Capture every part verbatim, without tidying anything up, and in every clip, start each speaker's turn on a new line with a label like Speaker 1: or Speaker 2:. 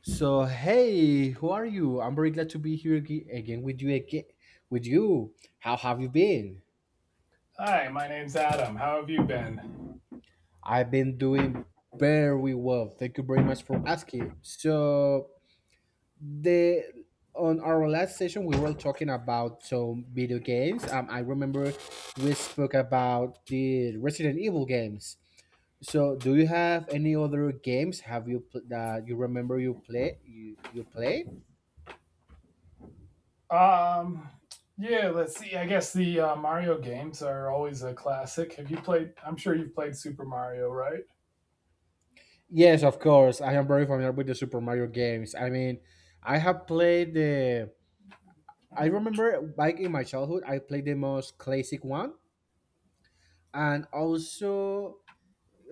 Speaker 1: So hey, who are you? I'm very glad to be here ag- again with you again with you. How have you been?
Speaker 2: Hi, my name's Adam. How have you been?
Speaker 1: I've been doing very well. Thank you very much for asking. So the on our last session we were talking about some video games. Um, I remember we spoke about the Resident Evil games. So do you have any other games have you pl- that you remember you play you you play?
Speaker 2: Um, yeah, let's see. I guess the uh, Mario games are always a classic. Have you played? I'm sure you've played Super Mario, right?
Speaker 1: Yes, of course. I am very familiar with the Super Mario games. I mean, I have played the. I remember back in my childhood, I played the most classic one, and also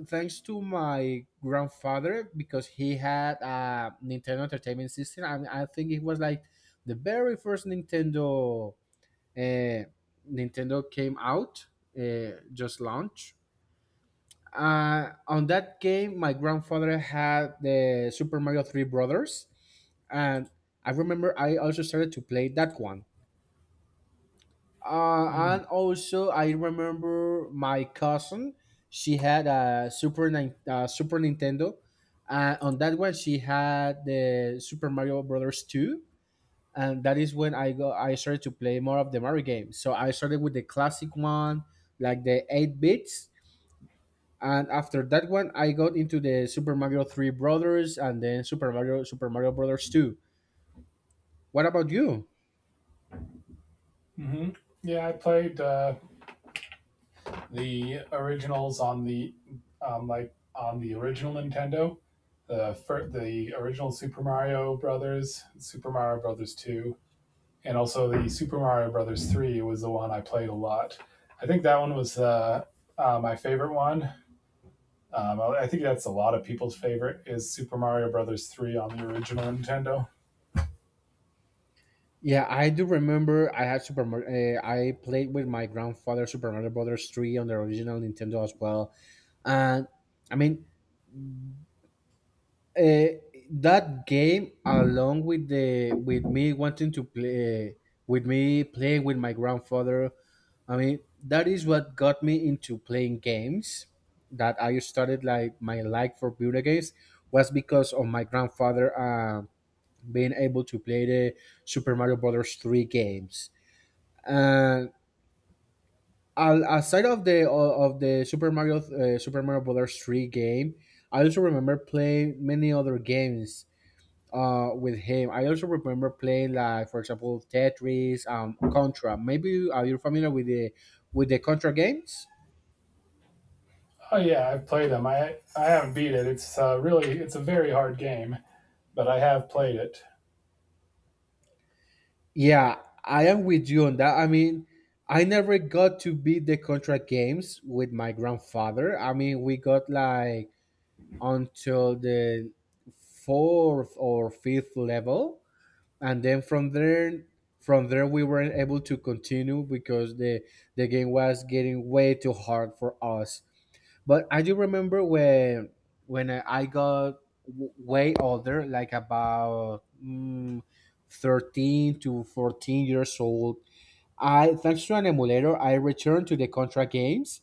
Speaker 1: thanks to my grandfather because he had a Nintendo Entertainment System, and I think it was like the very first Nintendo. Uh, Nintendo came out, uh, just launched. Uh, on that game, my grandfather had the Super Mario Three Brothers and I remember I also started to play that one. Uh,
Speaker 2: Mm-hmm.
Speaker 1: and also I remember my cousin. She had a Super Nin- uh, Super Nintendo, and on that one she had the Super Mario Brothers two. And that is when I go. I started to play more of the Mario games. So I started with the classic one, like the eight bits. And after that one, I got into the Super Mario Three Brothers, and then Super Mario Super Mario Brothers Two. What about you?
Speaker 2: Yeah, I played uh, the originals on the um, like on the original Nintendo, the fir- the original Super Mario Brothers, Super Mario Brothers Two, and also the Super Mario Brothers Three was the one I played a lot. I think that one was uh, uh, my favorite one. Um, I think that's a lot of people's favorite is Super Mario Brothers three on the original Nintendo.
Speaker 1: Yeah, I do remember I had Super Mar- uh, I played with my grandfather Super Mario Brothers three on the original Nintendo as well. And I mean, uh, that game along with the with me wanting to play with me playing with my grandfather, I mean, that is what got me into playing games. That I started like my like for video games was because of my grandfather uh, being able to play the Super Mario Brothers three games and al- aside of the o- of the Super Mario uh, Super Mario Brothers three game. I also remember playing many other games uh with him. I also remember playing, like, for example, Tetris, um Contra. Maybe are you familiar with the with the Contra games?
Speaker 2: Oh yeah, I've played them. I I haven't beat it. It's uh, really it's a very hard game, but I have played it.
Speaker 1: Yeah, I am with you on that. I mean, I never got to beat the Contra games with my grandfather. I mean, we got like until the fourth or fifth level, and then from there from there we weren't able to continue because the the game was getting way too hard for us. But I do remember when when i I got w- way older, like about mm, thirteen to fourteen years old, I thanks to an emulator, I returned to the Contra games.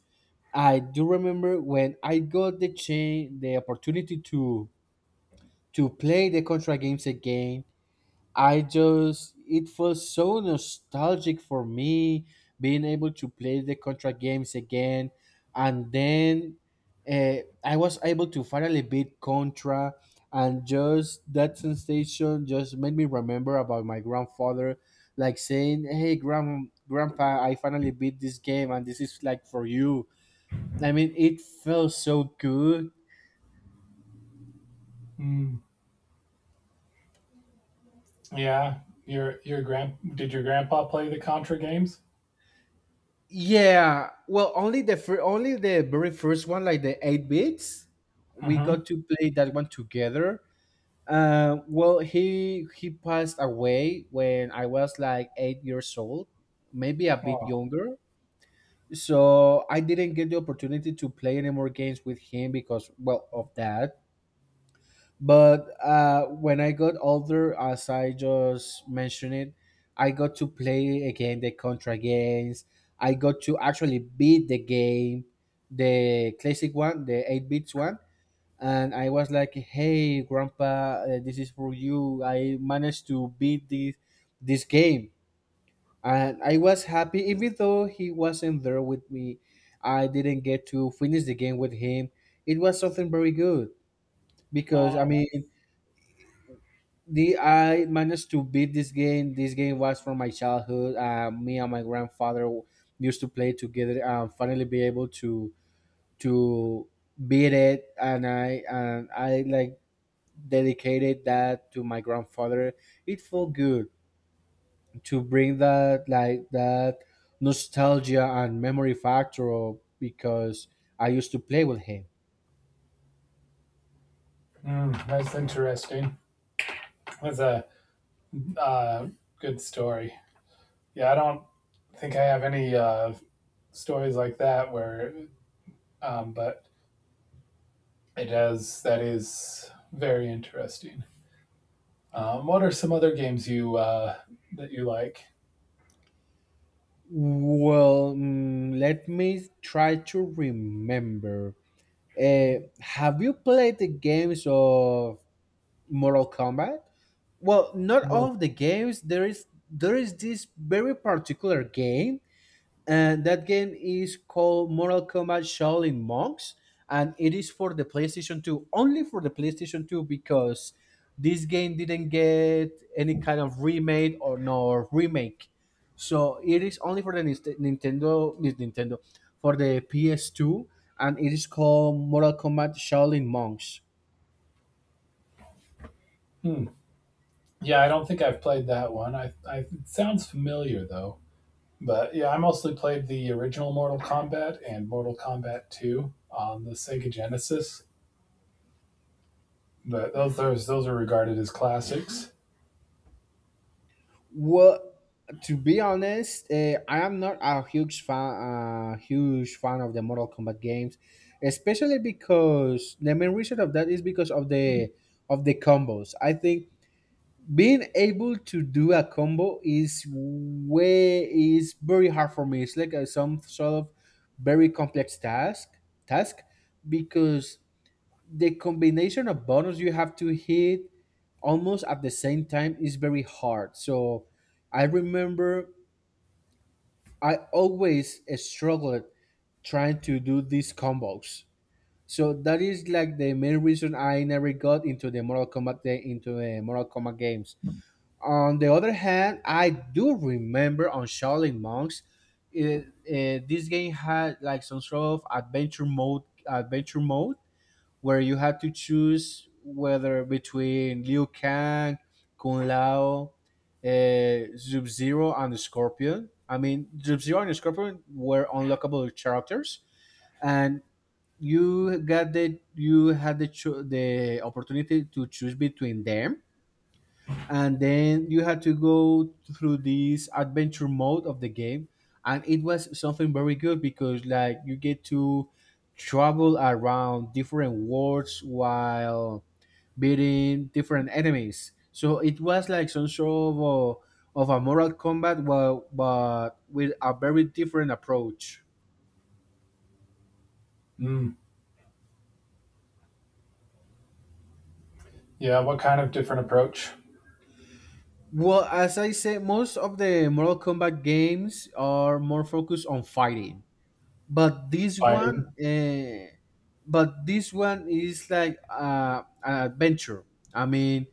Speaker 1: I do remember when I got the chain, the opportunity to to play the Contra games again. I just it was so nostalgic for me being able to play the Contra games again, and then uh, I was able to finally beat Contra, and just that sensation just made me remember about my grandfather, like saying, "Hey, grand grandpa, I finally beat this game, and this is like for you." I mean, it felt so good.
Speaker 2: Hmm. Yeah, your your grand did your grandpa play the Contra games?
Speaker 1: Yeah, well, only the fir- only the very first one, like the eight bits, we
Speaker 2: Mm-hmm.
Speaker 1: got to play that one together. Uh, well, he he passed away when I was like eight years old, maybe a bit
Speaker 2: Oh,
Speaker 1: younger. So I didn't get the opportunity to play any more games with him because, well, of that. But uh, when I got older, as I just mentioned it, I got to play again the Contra games. I got to actually beat the game, the classic one, the eight bits one. And I was like, hey, Grandpa, uh, this is for you. I managed to beat this, this game. And I was happy, even though he wasn't there with me. I didn't get to finish the game with him. It was something very good because, I
Speaker 2: oh.
Speaker 1: mean, the I managed to beat this game. This game was from my childhood. Uh, me and my grandfather used to play together. And finally, be able to to beat it, and I and I like dedicated that to my grandfather. It felt good to bring that like that nostalgia and memory factor up because I used to play with him.
Speaker 2: Hmm, that's interesting. That's a uh, good story. Yeah, I don't think I have any uh, stories like that where, um, but it does that is very interesting. Um, what are some other games you uh, that you like?
Speaker 1: Well, mm, let me try to remember. Uh, have you played the games of Mortal Kombat? Well, not all
Speaker 2: Well,
Speaker 1: of the games. There is there is this very particular game, and that game is called Mortal Kombat Shaolin Monks, and it is for the PlayStation two, only for the PlayStation two because this game didn't get any kind of remade or no remake. So it is only for the Nis- Nintendo, Nis- Nintendo, for the P S two, and it is called Mortal Kombat Shaolin Monks.
Speaker 2: hmm. Yeah, I don't think I've played that one. I, I it sounds familiar though. But yeah, I mostly played the original Mortal Kombat and Mortal Kombat two on the Sega Genesis. But those those those are regarded as classics.
Speaker 1: Well, to be honest, uh, I am not a huge fan, uh, huge fan of the Mortal Kombat games, especially because the main reason of that is because of the of the combos. I think being able to do a combo is way is very hard for me. It's like a, some sort of very complex task task because the combination of bonus you have to hit almost at the same time is very hard. So I remember I always struggled trying to do these combos. So that is like the main reason I never got into the Mortal Kombat into the Mortal Kombat games. On the other hand, I do remember on Shaolin Monks, it, eh, this game had like some sort of adventure mode. Adventure mode where you had to choose whether between Liu Kang, Kung Lao, uh, Sub Zero, and the Scorpion. I mean, Sub Zero and the Scorpion were unlockable characters, and you got the you had the cho- the opportunity to choose between them, and then you had to go through this adventure mode of the game, and it was something very good because, like, you get to travel around different worlds while beating different enemies. So it was like some sort of a, of a moral combat, but, but with a very different approach.
Speaker 2: Mm. Yeah, what kind of different approach?
Speaker 1: Well, as I said, most of the Mortal Kombat games are more focused on fighting, but this
Speaker 2: Fighting.
Speaker 1: one uh, but this one is like uh, an adventure. I mean,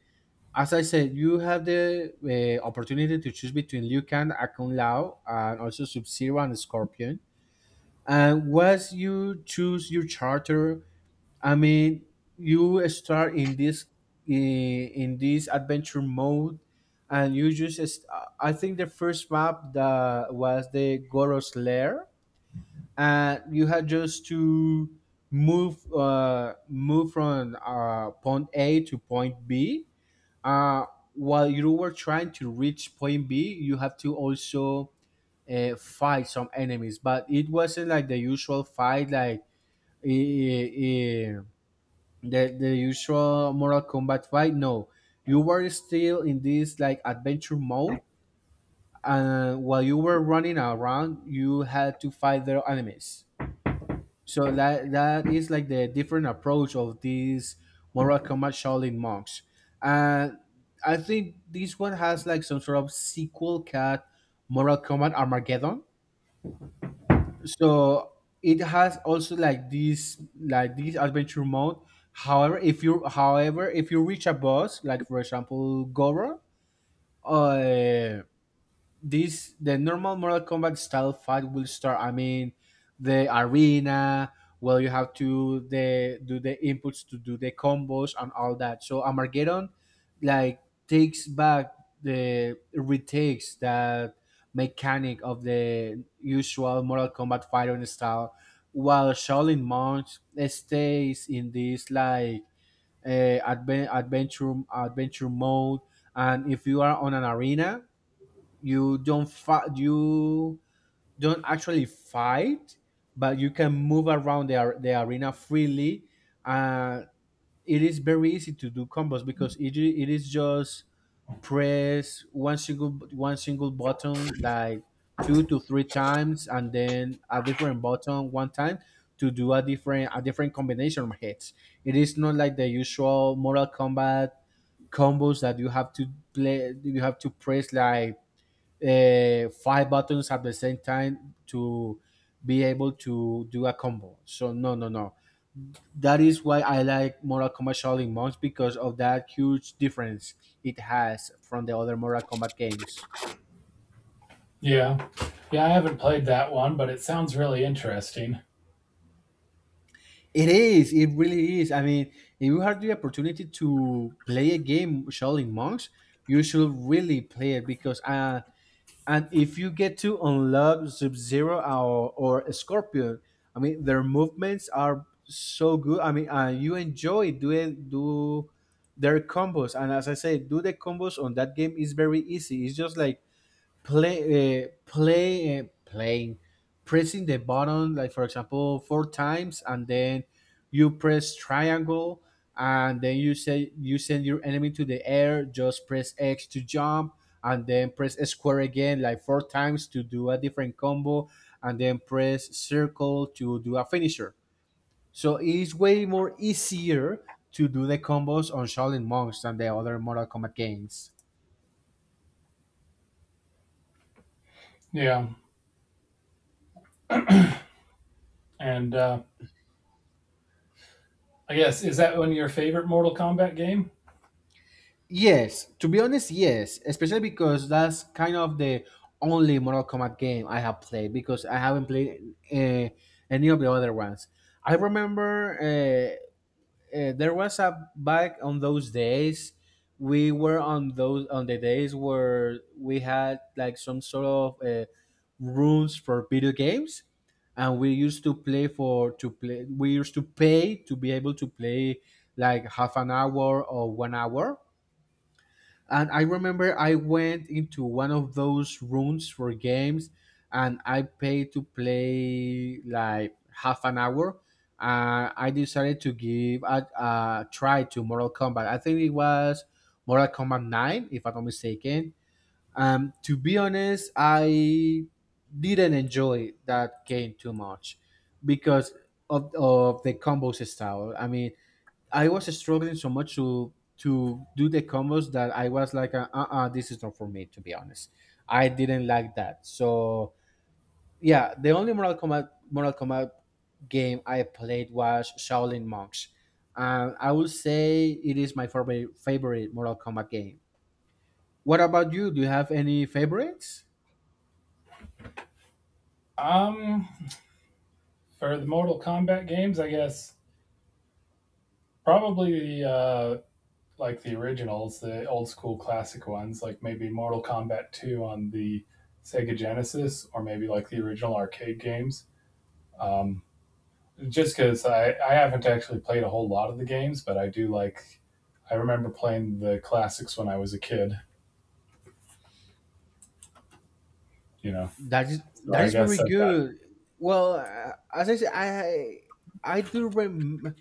Speaker 1: as I said, you have the uh, opportunity to choose between Liu Kang, Akun Lao, and also Sub-Zero and Scorpion. And once you choose your charter, I mean, you start in this in, in this adventure mode, and you just, I think the first map that was the Goros lair, and you had just to move uh, move from uh, point A to point B. Uh, while you were trying to reach point B, you have to also uh, fight some enemies, but it wasn't like the usual fight, like i- i- i- the the usual Mortal Kombat fight. No, you were still in this like adventure mode, and while you were running around, you had to fight their enemies. So that that is like the different approach of these moral combat Shaolin monks. And I think this one has like some sort of sequel cat Moral Combat Armageddon. So it has also like this like this adventure mode. However, if you however if you reach a boss, like, for example, Goro, uh, this the normal Mortal Kombat style fight will start. I mean, the arena. Well, you have to the do the inputs to do the combos and all that. So Armageddon, like, takes back the retakes that mechanic of the usual Mortal Kombat fighting style, while Shaolin Monks stays in this like uh, adven- adventure adventure mode. And if you are on an arena, you don't fi- you don't actually fight, but you can move around the, ar- the arena freely. uh, it is very easy to do combos because it, i- it is just press one single one single button like two to three times and then a different button one time to do a different a different combination of hits. It is not like the usual Mortal Kombat combos that you have to play you have to press like uh, five buttons at the same time to be able to do a combo. So no, no, no. That is why I like Mortal Kombat Shaolin Monks because of that huge difference it has from the other Mortal Kombat games.
Speaker 2: Yeah. Yeah, I haven't played that one, but it sounds really interesting.
Speaker 1: It is. It really is. I mean, if you have the opportunity to play a game Shaolin Monks, you should really play it because uh, And if you get to unlock Sub Zero, or, or Scorpion, I mean, their movements are so good. I mean, uh, you enjoy doing do their combos. And as I say, do the combos on that game is very easy. It's just like play uh, play uh, playing pressing the button, like for example, four times, and then you press triangle, and then you say you send your enemy to the air, just press x to jump, and then press square again like four times to do a different combo, and then press circle to do a finisher. So it's way more easier to do the combos on Shaolin Monks than the other Mortal Kombat games.
Speaker 2: Yeah. And uh, I guess is that one of your favorite Mortal Kombat game?
Speaker 1: Yes, to be honest, yes, especially because that's kind of the only Mortal Kombat game I have played, because I haven't played uh, any of the other ones. I remember uh, uh, there was a back on those days we were on those on the days where we had like some sort of uh, rooms for video games, and we used to play for to play we used to pay to be able to play like half an hour or one hour. And I remember I went into one of those rooms for games, and I paid to play like half an hour. Uh, I decided to give a, a try to Mortal Kombat. I think it was Mortal Kombat nine, if I'm not mistaken. Um, to be honest, I didn't enjoy that game too much because of, of the combos style. I mean, I was struggling so much to to do the combos that I was like, uh, uh this is not for me, to be honest. I didn't like that. So yeah, the only Mortal Kombat Mortal Kombat game I played was Shaolin Monks, and I will say it is my favorite favorite Mortal Kombat game. What about you? Do you have any favorites?
Speaker 2: Um For the Mortal Kombat games, I guess probably the uh, like the originals, the old school classic ones, like maybe Mortal Kombat two on the Sega Genesis, or maybe like the original arcade games. Um, just because I, I haven't actually played a whole lot of the games, but I do like, I remember playing the classics when I was a kid, you know.
Speaker 1: That is
Speaker 2: So
Speaker 1: that
Speaker 2: I
Speaker 1: is very
Speaker 2: guess I've got,
Speaker 1: good. Well, uh, as I said, I I do remember.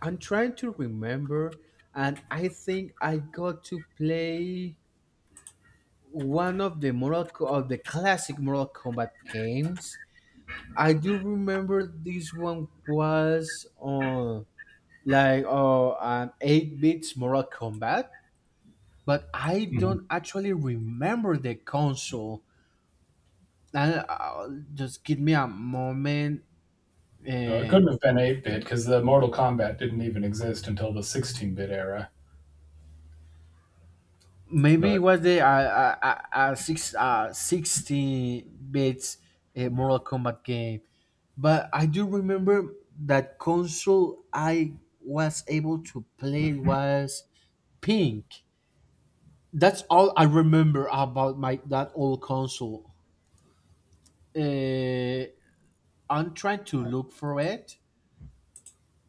Speaker 1: I'm trying to remember, and I think I got to play one of the Mortal Co- of the classic Mortal Kombat games. I do remember this one was on like uh, an eight bits Mortal Kombat, but I
Speaker 2: mhm.
Speaker 1: don't actually remember the console. And uh, just give me a moment.
Speaker 2: No, it
Speaker 1: Uh,
Speaker 2: couldn't have been eight bit because the Mortal Kombat didn't even exist until the sixteen bit era.
Speaker 1: Maybe it
Speaker 2: But
Speaker 1: was the uh, uh, uh, uh, six, uh, sixteen bits uh, Mortal Kombat game. But I do remember that console I was able to play was pink. That's all I remember about my that old console. Uh, I'm trying to look for it,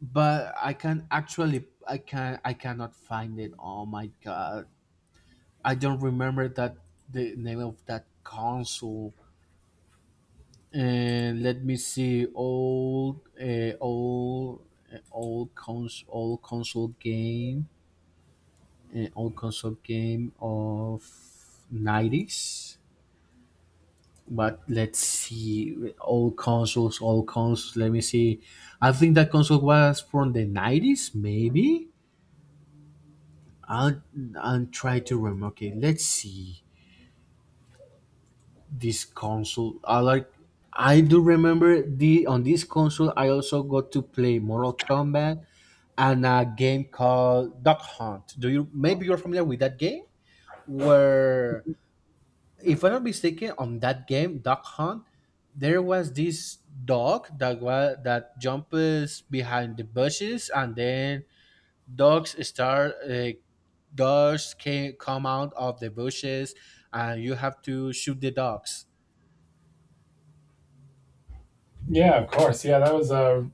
Speaker 1: but I can actually I can I cannot find it. Oh my god! I don't remember that the name of that console. And let me see old uh, old uh, old cons old console game and old console game of nineties. But let's see, old consoles, old consoles, let me see. I think that console was from the nineties maybe. i'll I'll try to remember. Okay, let's see. This console, I like. I do remember the on this console I also got to play Mortal Kombat and a game called Duck Hunt. Do you maybe you're familiar with that game? Where, if I'm not mistaken, on that game Duck Hunt, there was this dog that was that jumps behind the bushes, and then dogs start uh, dogs can come out of the bushes, and you have to shoot the dogs.
Speaker 2: yeah, of course. Yeah, that was a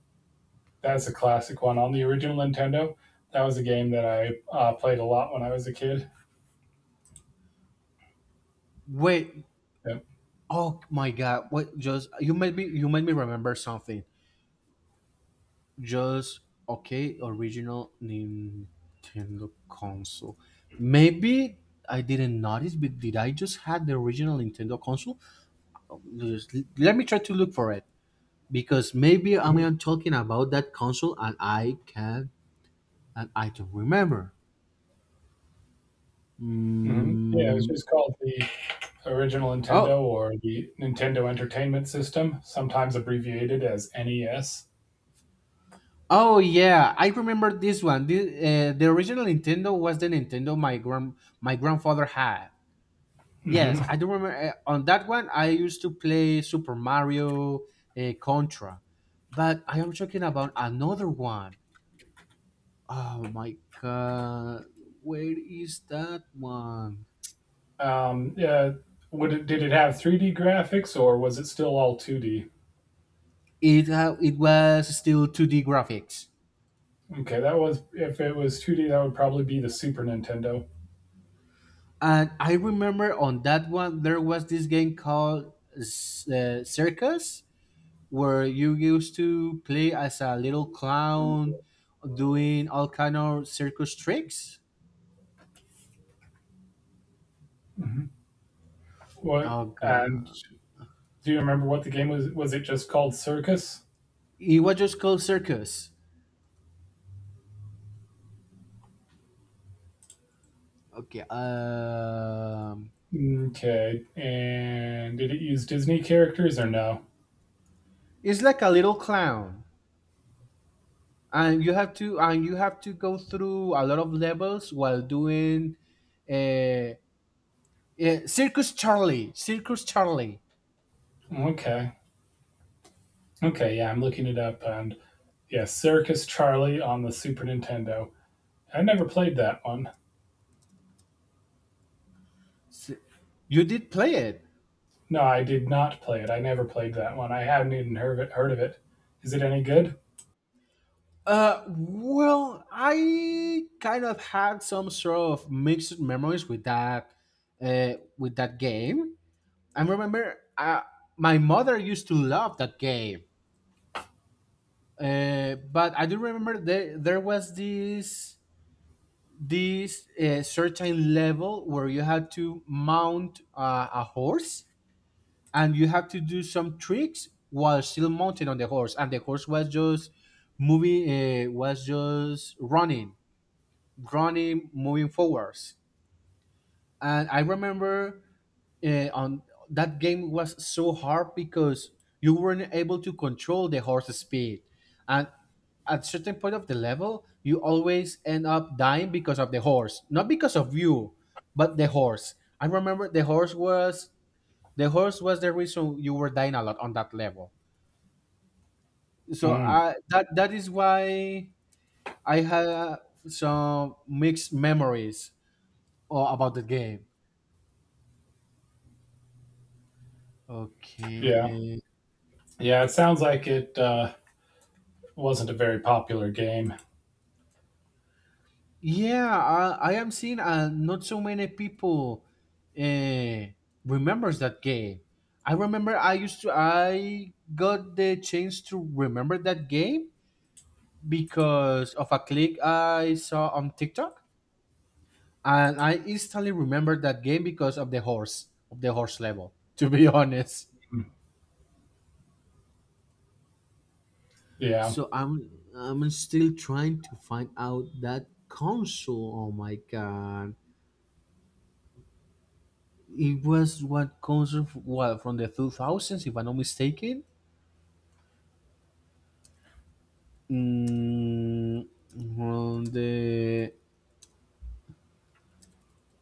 Speaker 2: that's a classic one on the original Nintendo. That was a game that I uh, played a lot when I was a kid.
Speaker 1: Wait,
Speaker 2: Yep.
Speaker 1: oh my god! What just you made me you made me remember something. Just okay, original Nintendo console. Maybe I didn't notice, but did I just had the original Nintendo console? Just- let me try to look for it because maybe I
Speaker 2: Hmm.
Speaker 1: mean, I'm talking about that console and I can and I don't remember.
Speaker 2: Yeah, it was
Speaker 1: Mm,
Speaker 2: just called the original Nintendo
Speaker 1: oh.
Speaker 2: or the Nintendo Entertainment System, sometimes abbreviated as N E S.
Speaker 1: Oh yeah, I remember this one. The, uh, the original Nintendo was the Nintendo my grand my grandfather had. Yes, I
Speaker 2: Hmm.
Speaker 1: do remember uh, on that one I used to play Super Mario, uh, Contra, but I am talking about another one. Oh my god, where is that one?
Speaker 2: Um, yeah, would it, did it have three D graphics or was it still all two D?
Speaker 1: It uh, it was still two D graphics,
Speaker 2: Okay, that was if it was two D, that would probably be the Super Nintendo.
Speaker 1: and I remember on that one there was this game called S- uh, Circus, where you used to play as a little clown doing all kind of circus tricks.
Speaker 2: Hmm. What
Speaker 1: Oh
Speaker 2: and
Speaker 1: god.
Speaker 2: do you remember what the game was? Was it just called Circus?
Speaker 1: It was just called circus. Okay. Um,
Speaker 2: Okay. And did it use Disney characters or no?
Speaker 1: it's like a little clown, and you have to and you have to go through a lot of levels while doing, uh, uh Circus Charlie. Circus Charlie.
Speaker 2: Okay. Okay, yeah, I'm looking it up and yeah, Circus Charlie on the Super Nintendo. I never played that one.
Speaker 1: S- You did play it.
Speaker 2: No, I did not play it. I never played that one. I haven't even heard of it. Heard of it. Is it any good?
Speaker 1: Uh, well, I kind of had some sort of mixed memories with that, uh, with that game. I remember, uh, my mother used to love that game. Uh, but I do remember there there was this this uh, certain level where you had to mount uh, a horse, and you had to do some tricks while still mounted on the horse, and the horse was just moving, uh, was just running, running, moving forwards. And I remember uh, on that game was so hard because you weren't able to control the horse's speed, and at certain point of the level you always end up dying because of the horse, not because of you, but the horse. I remember the horse was the horse was the reason you were dying a lot on that level. So
Speaker 2: Mm,
Speaker 1: I, that that is why I have some mixed memories uh, about the game, okay
Speaker 2: yeah.
Speaker 1: eh.
Speaker 2: Yeah, it sounds like it uh, wasn't a very popular game.
Speaker 1: Yeah, I, I am seeing uh, not so many people uh, remembers that game. I remember I used to I got the chance to remember that game because of a click I saw on TikTok, and I instantly remembered that game because of the horse of the horse level. To be honest,
Speaker 2: Mm, yeah.
Speaker 1: so I'm I'm still trying to find out that console. Oh my god! It was what concert f- what from the two thousands, if I'm not mistaken. Mm, from the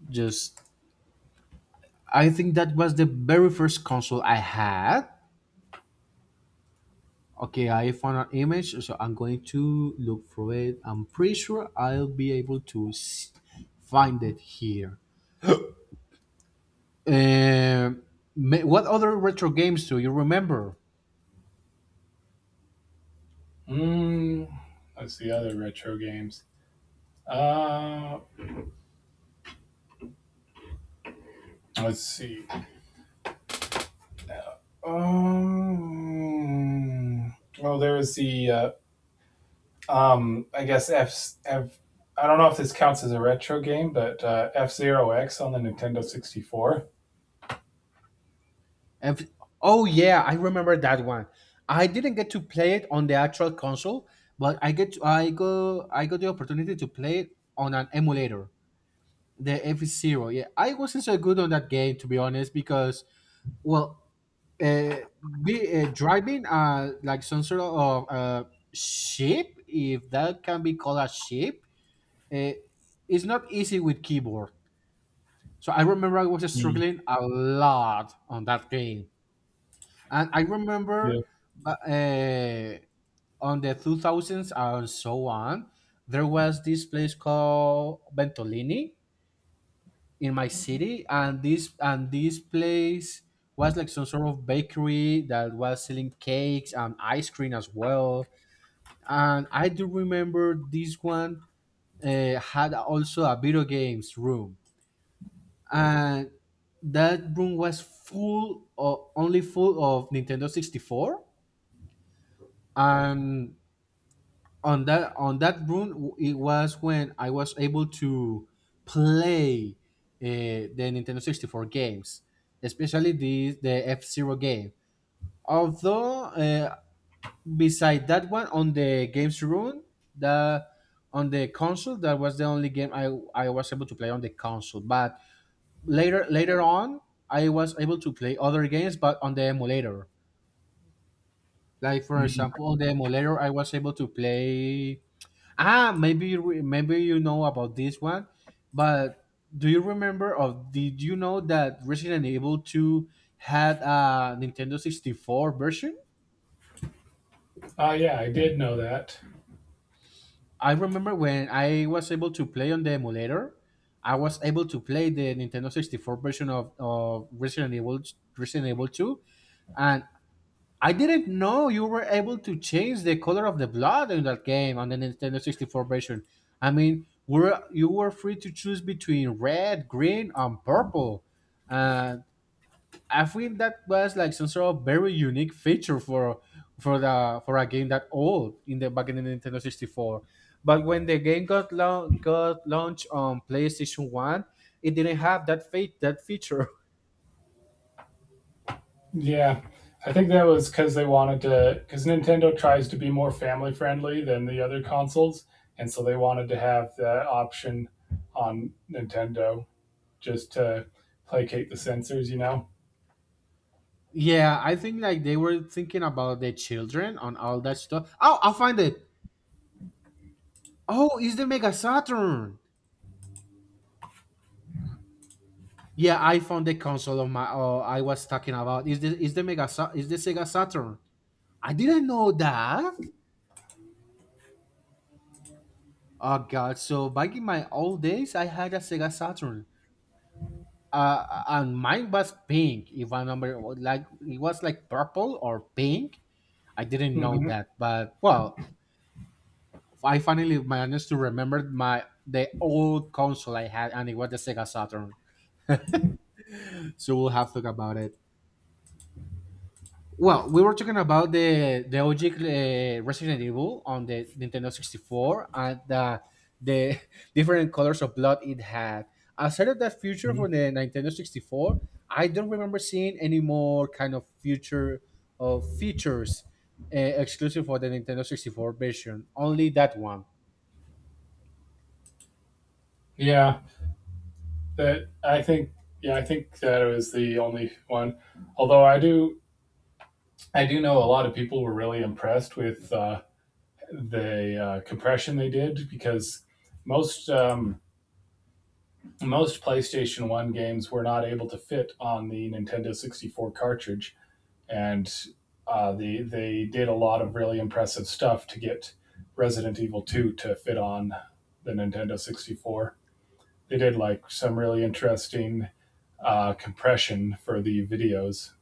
Speaker 1: just, I think that was the very first console I had. Okay, I found an image, so I'm going to look for it. I'm pretty sure I'll be able to s- find it here. Um, ma- what other retro games do you remember?
Speaker 2: Mm, let's see other retro games. Uh, let's see. Um, well, there was the uh, um, I guess F, F. I don't know if this counts as a retro game, but uh, F Zero X on the Nintendo sixty four.
Speaker 1: Ev- oh yeah, I remember that one. I didn't get to play it on the actual console, but I get to, I go I got the opportunity to play it on an emulator, the F Zero. Yeah, I wasn't so good on that game, to be honest, because well, uh, be, uh, driving uh like some sort of uh ship, if that can be called a ship, uh, is not easy with keyboard. So I remember I was
Speaker 2: Mm.
Speaker 1: struggling a lot on that game. And I
Speaker 2: Yeah.
Speaker 1: remember uh, uh, on the two thousands and so on, there was this place called Ventolini in my city, and this and this place was like some sort of bakery that was selling cakes and ice cream as well. And I do remember this one uh, had also a video games room, and that room was full of only full of Nintendo sixty-four. And on that on that run it was when I was able to play uh, the Nintendo sixty-four games, especially the the F Zero game. Although uh, beside that one on the games run, the on the console that was the only game I, I was able to play on the console. But later later on I was able to play other games but on the emulator. Like for
Speaker 2: Mm.
Speaker 1: example, on the emulator I was able to play. Ah, maybe you re- maybe you know about this one, but do you remember or did you know that Resident Evil two had a Nintendo sixty-four version?
Speaker 2: Uh, yeah, I did know that.
Speaker 1: I remember when I was able to play on the emulator, I was able to play the Nintendo sixty-four version of, of Resident Evil Resident Evil two, and I didn't know you were able to change the color of the blood in that game on the Nintendo sixty-four version. I mean, were you were free to choose between red, green, and purple. And I think that was like some sort of very unique feature for for the for a game that old in the back in the Nintendo sixty-four. But when the game got lau- got launched on PlayStation one, it didn't have that fe- that feature.
Speaker 2: Yeah, I think that was because they wanted to, because Nintendo tries to be more family friendly than the other consoles, and so they wanted to have the option on Nintendo just to placate the censors, you know.
Speaker 1: Yeah, I think like they were thinking about the children on all that stuff. Oh, I find it. Oh, it's the Mega Saturn. Yeah, I found the console of my. Oh, I was talking about is the is the Mega Sa- is the Sega Saturn. I didn't know that. Oh God! So back in my old days, I had a Sega Saturn. Uh, and mine was pink. If I remember, like it was like purple or pink. I didn't know
Speaker 2: Hmm.
Speaker 1: that, but well, I finally managed to remember my the old console I had, and it was the Sega Saturn. So we'll have to talk about it. Well, we were talking about the the O G uh, Resident Evil on the Nintendo sixty-four and the, the different colors of blood it had. Outside of that future for the Nintendo sixty-four, I don't remember seeing any more kind of future of features uh, exclusive for the Nintendo sixty-four version. Only that one.
Speaker 2: Yeah. that I think Yeah, I think that it was the only one. Although I do I do know a lot of people were really impressed with uh, the uh, compression they did because most um, most PlayStation One games were not able to fit on the Nintendo sixty four cartridge, and uh, the they did a lot of really impressive stuff to get Resident Evil two to fit on the Nintendo sixty four. They did like some really interesting uh, compression for the videos.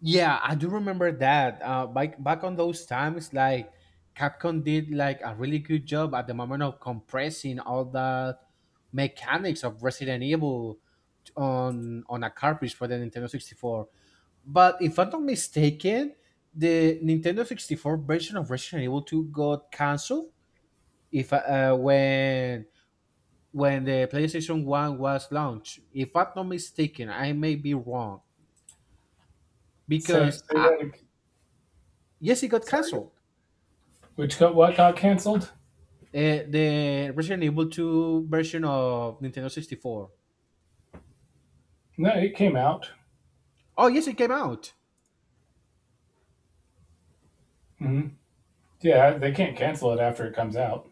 Speaker 1: Yeah, I do remember that. Uh, back back on those times, like, Capcom did like a really good job at the moment of compressing all the mechanics of Resident Evil on on a cartridge for the Nintendo sixty-four. But if I'm not mistaken, the Nintendo sixty-four version of Resident Evil two got canceled if uh, when when the PlayStation one was launched. If I'm not mistaken, I may be wrong
Speaker 2: Say
Speaker 1: because
Speaker 2: say
Speaker 1: I,
Speaker 2: that again.
Speaker 1: yes, it got
Speaker 2: Sorry.
Speaker 1: canceled.
Speaker 2: Which got what got canceled?
Speaker 1: Uh, the Resident Evil two version of Nintendo sixty-four.
Speaker 2: No, it came out.
Speaker 1: Oh, yes, it came out.
Speaker 2: Hmm. Yeah, they can't cancel it after it comes out.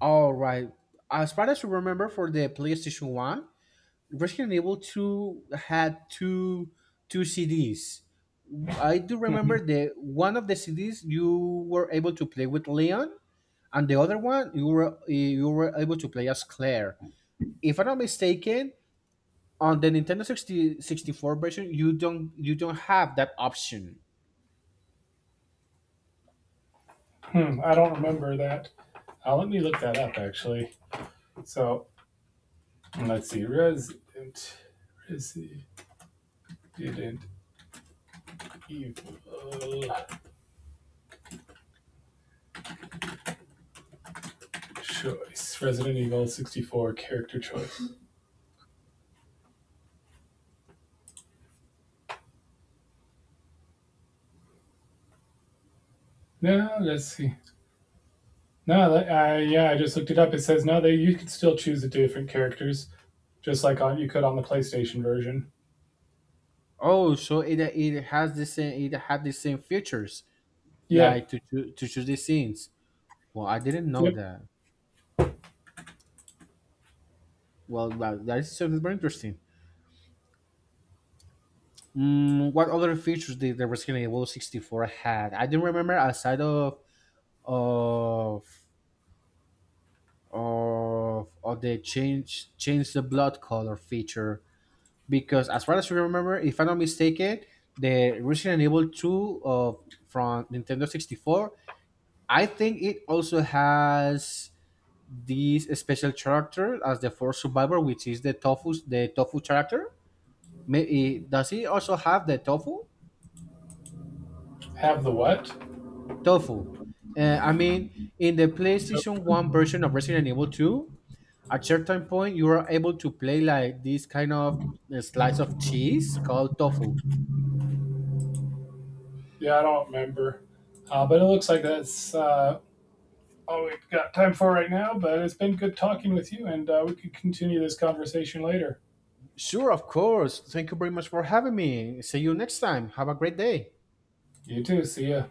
Speaker 1: All right. As far as I remember, for the PlayStation one, Resident Evil two had two two C Ds. I do remember
Speaker 2: Mhm.
Speaker 1: the one of the C Ds you were able to play with Leon, and the other one you were you were able to play as Claire. If I'm not mistaken, on the Nintendo sixty sixty four version, you don't you don't have that option.
Speaker 2: Hmm, I don't remember that. Uh, let me look that up actually. So let's see. Resident Resident Evil choice. Resident Evil sixty four character choice. No, let's see. No, that- uh, yeah, I just looked it up. It says no, they you can still choose the different characters. Just like on you could on the PlayStation version.
Speaker 1: Oh, so it it has the same it had the same features,
Speaker 2: Yeah.
Speaker 1: like to choo- to choose the scenes. Well, I didn't know
Speaker 2: Yep.
Speaker 1: that. Well, that, that is something very interesting. Mm, what other features did the Resident Evil sixty-four had? I didn't remember aside of of of of the change change the blood color feature, because as far as I remember, if I'm not mistaken, the Resident Evil two of from Nintendo sixty-four, I think it also has this special character as the fourth survivor, which is the tofu, the tofu character. May, eh, does he also have the tofu?
Speaker 2: Have the what?
Speaker 1: Tofu. Uh, I mean, in the PlayStation
Speaker 2: Yep.
Speaker 1: One version of Resident Evil Two, at certain point you are able to play like this kind of eh, slice of cheese called tofu.
Speaker 2: Yeah, I don't remember. Uh, but it looks like that's uh, all we've got time for right now. But it's been good talking with you, and uh, we could continue this conversation later.
Speaker 1: Sure, of course. Thank you very much for having me. See you next time. Have a great day.
Speaker 2: You too. See ya.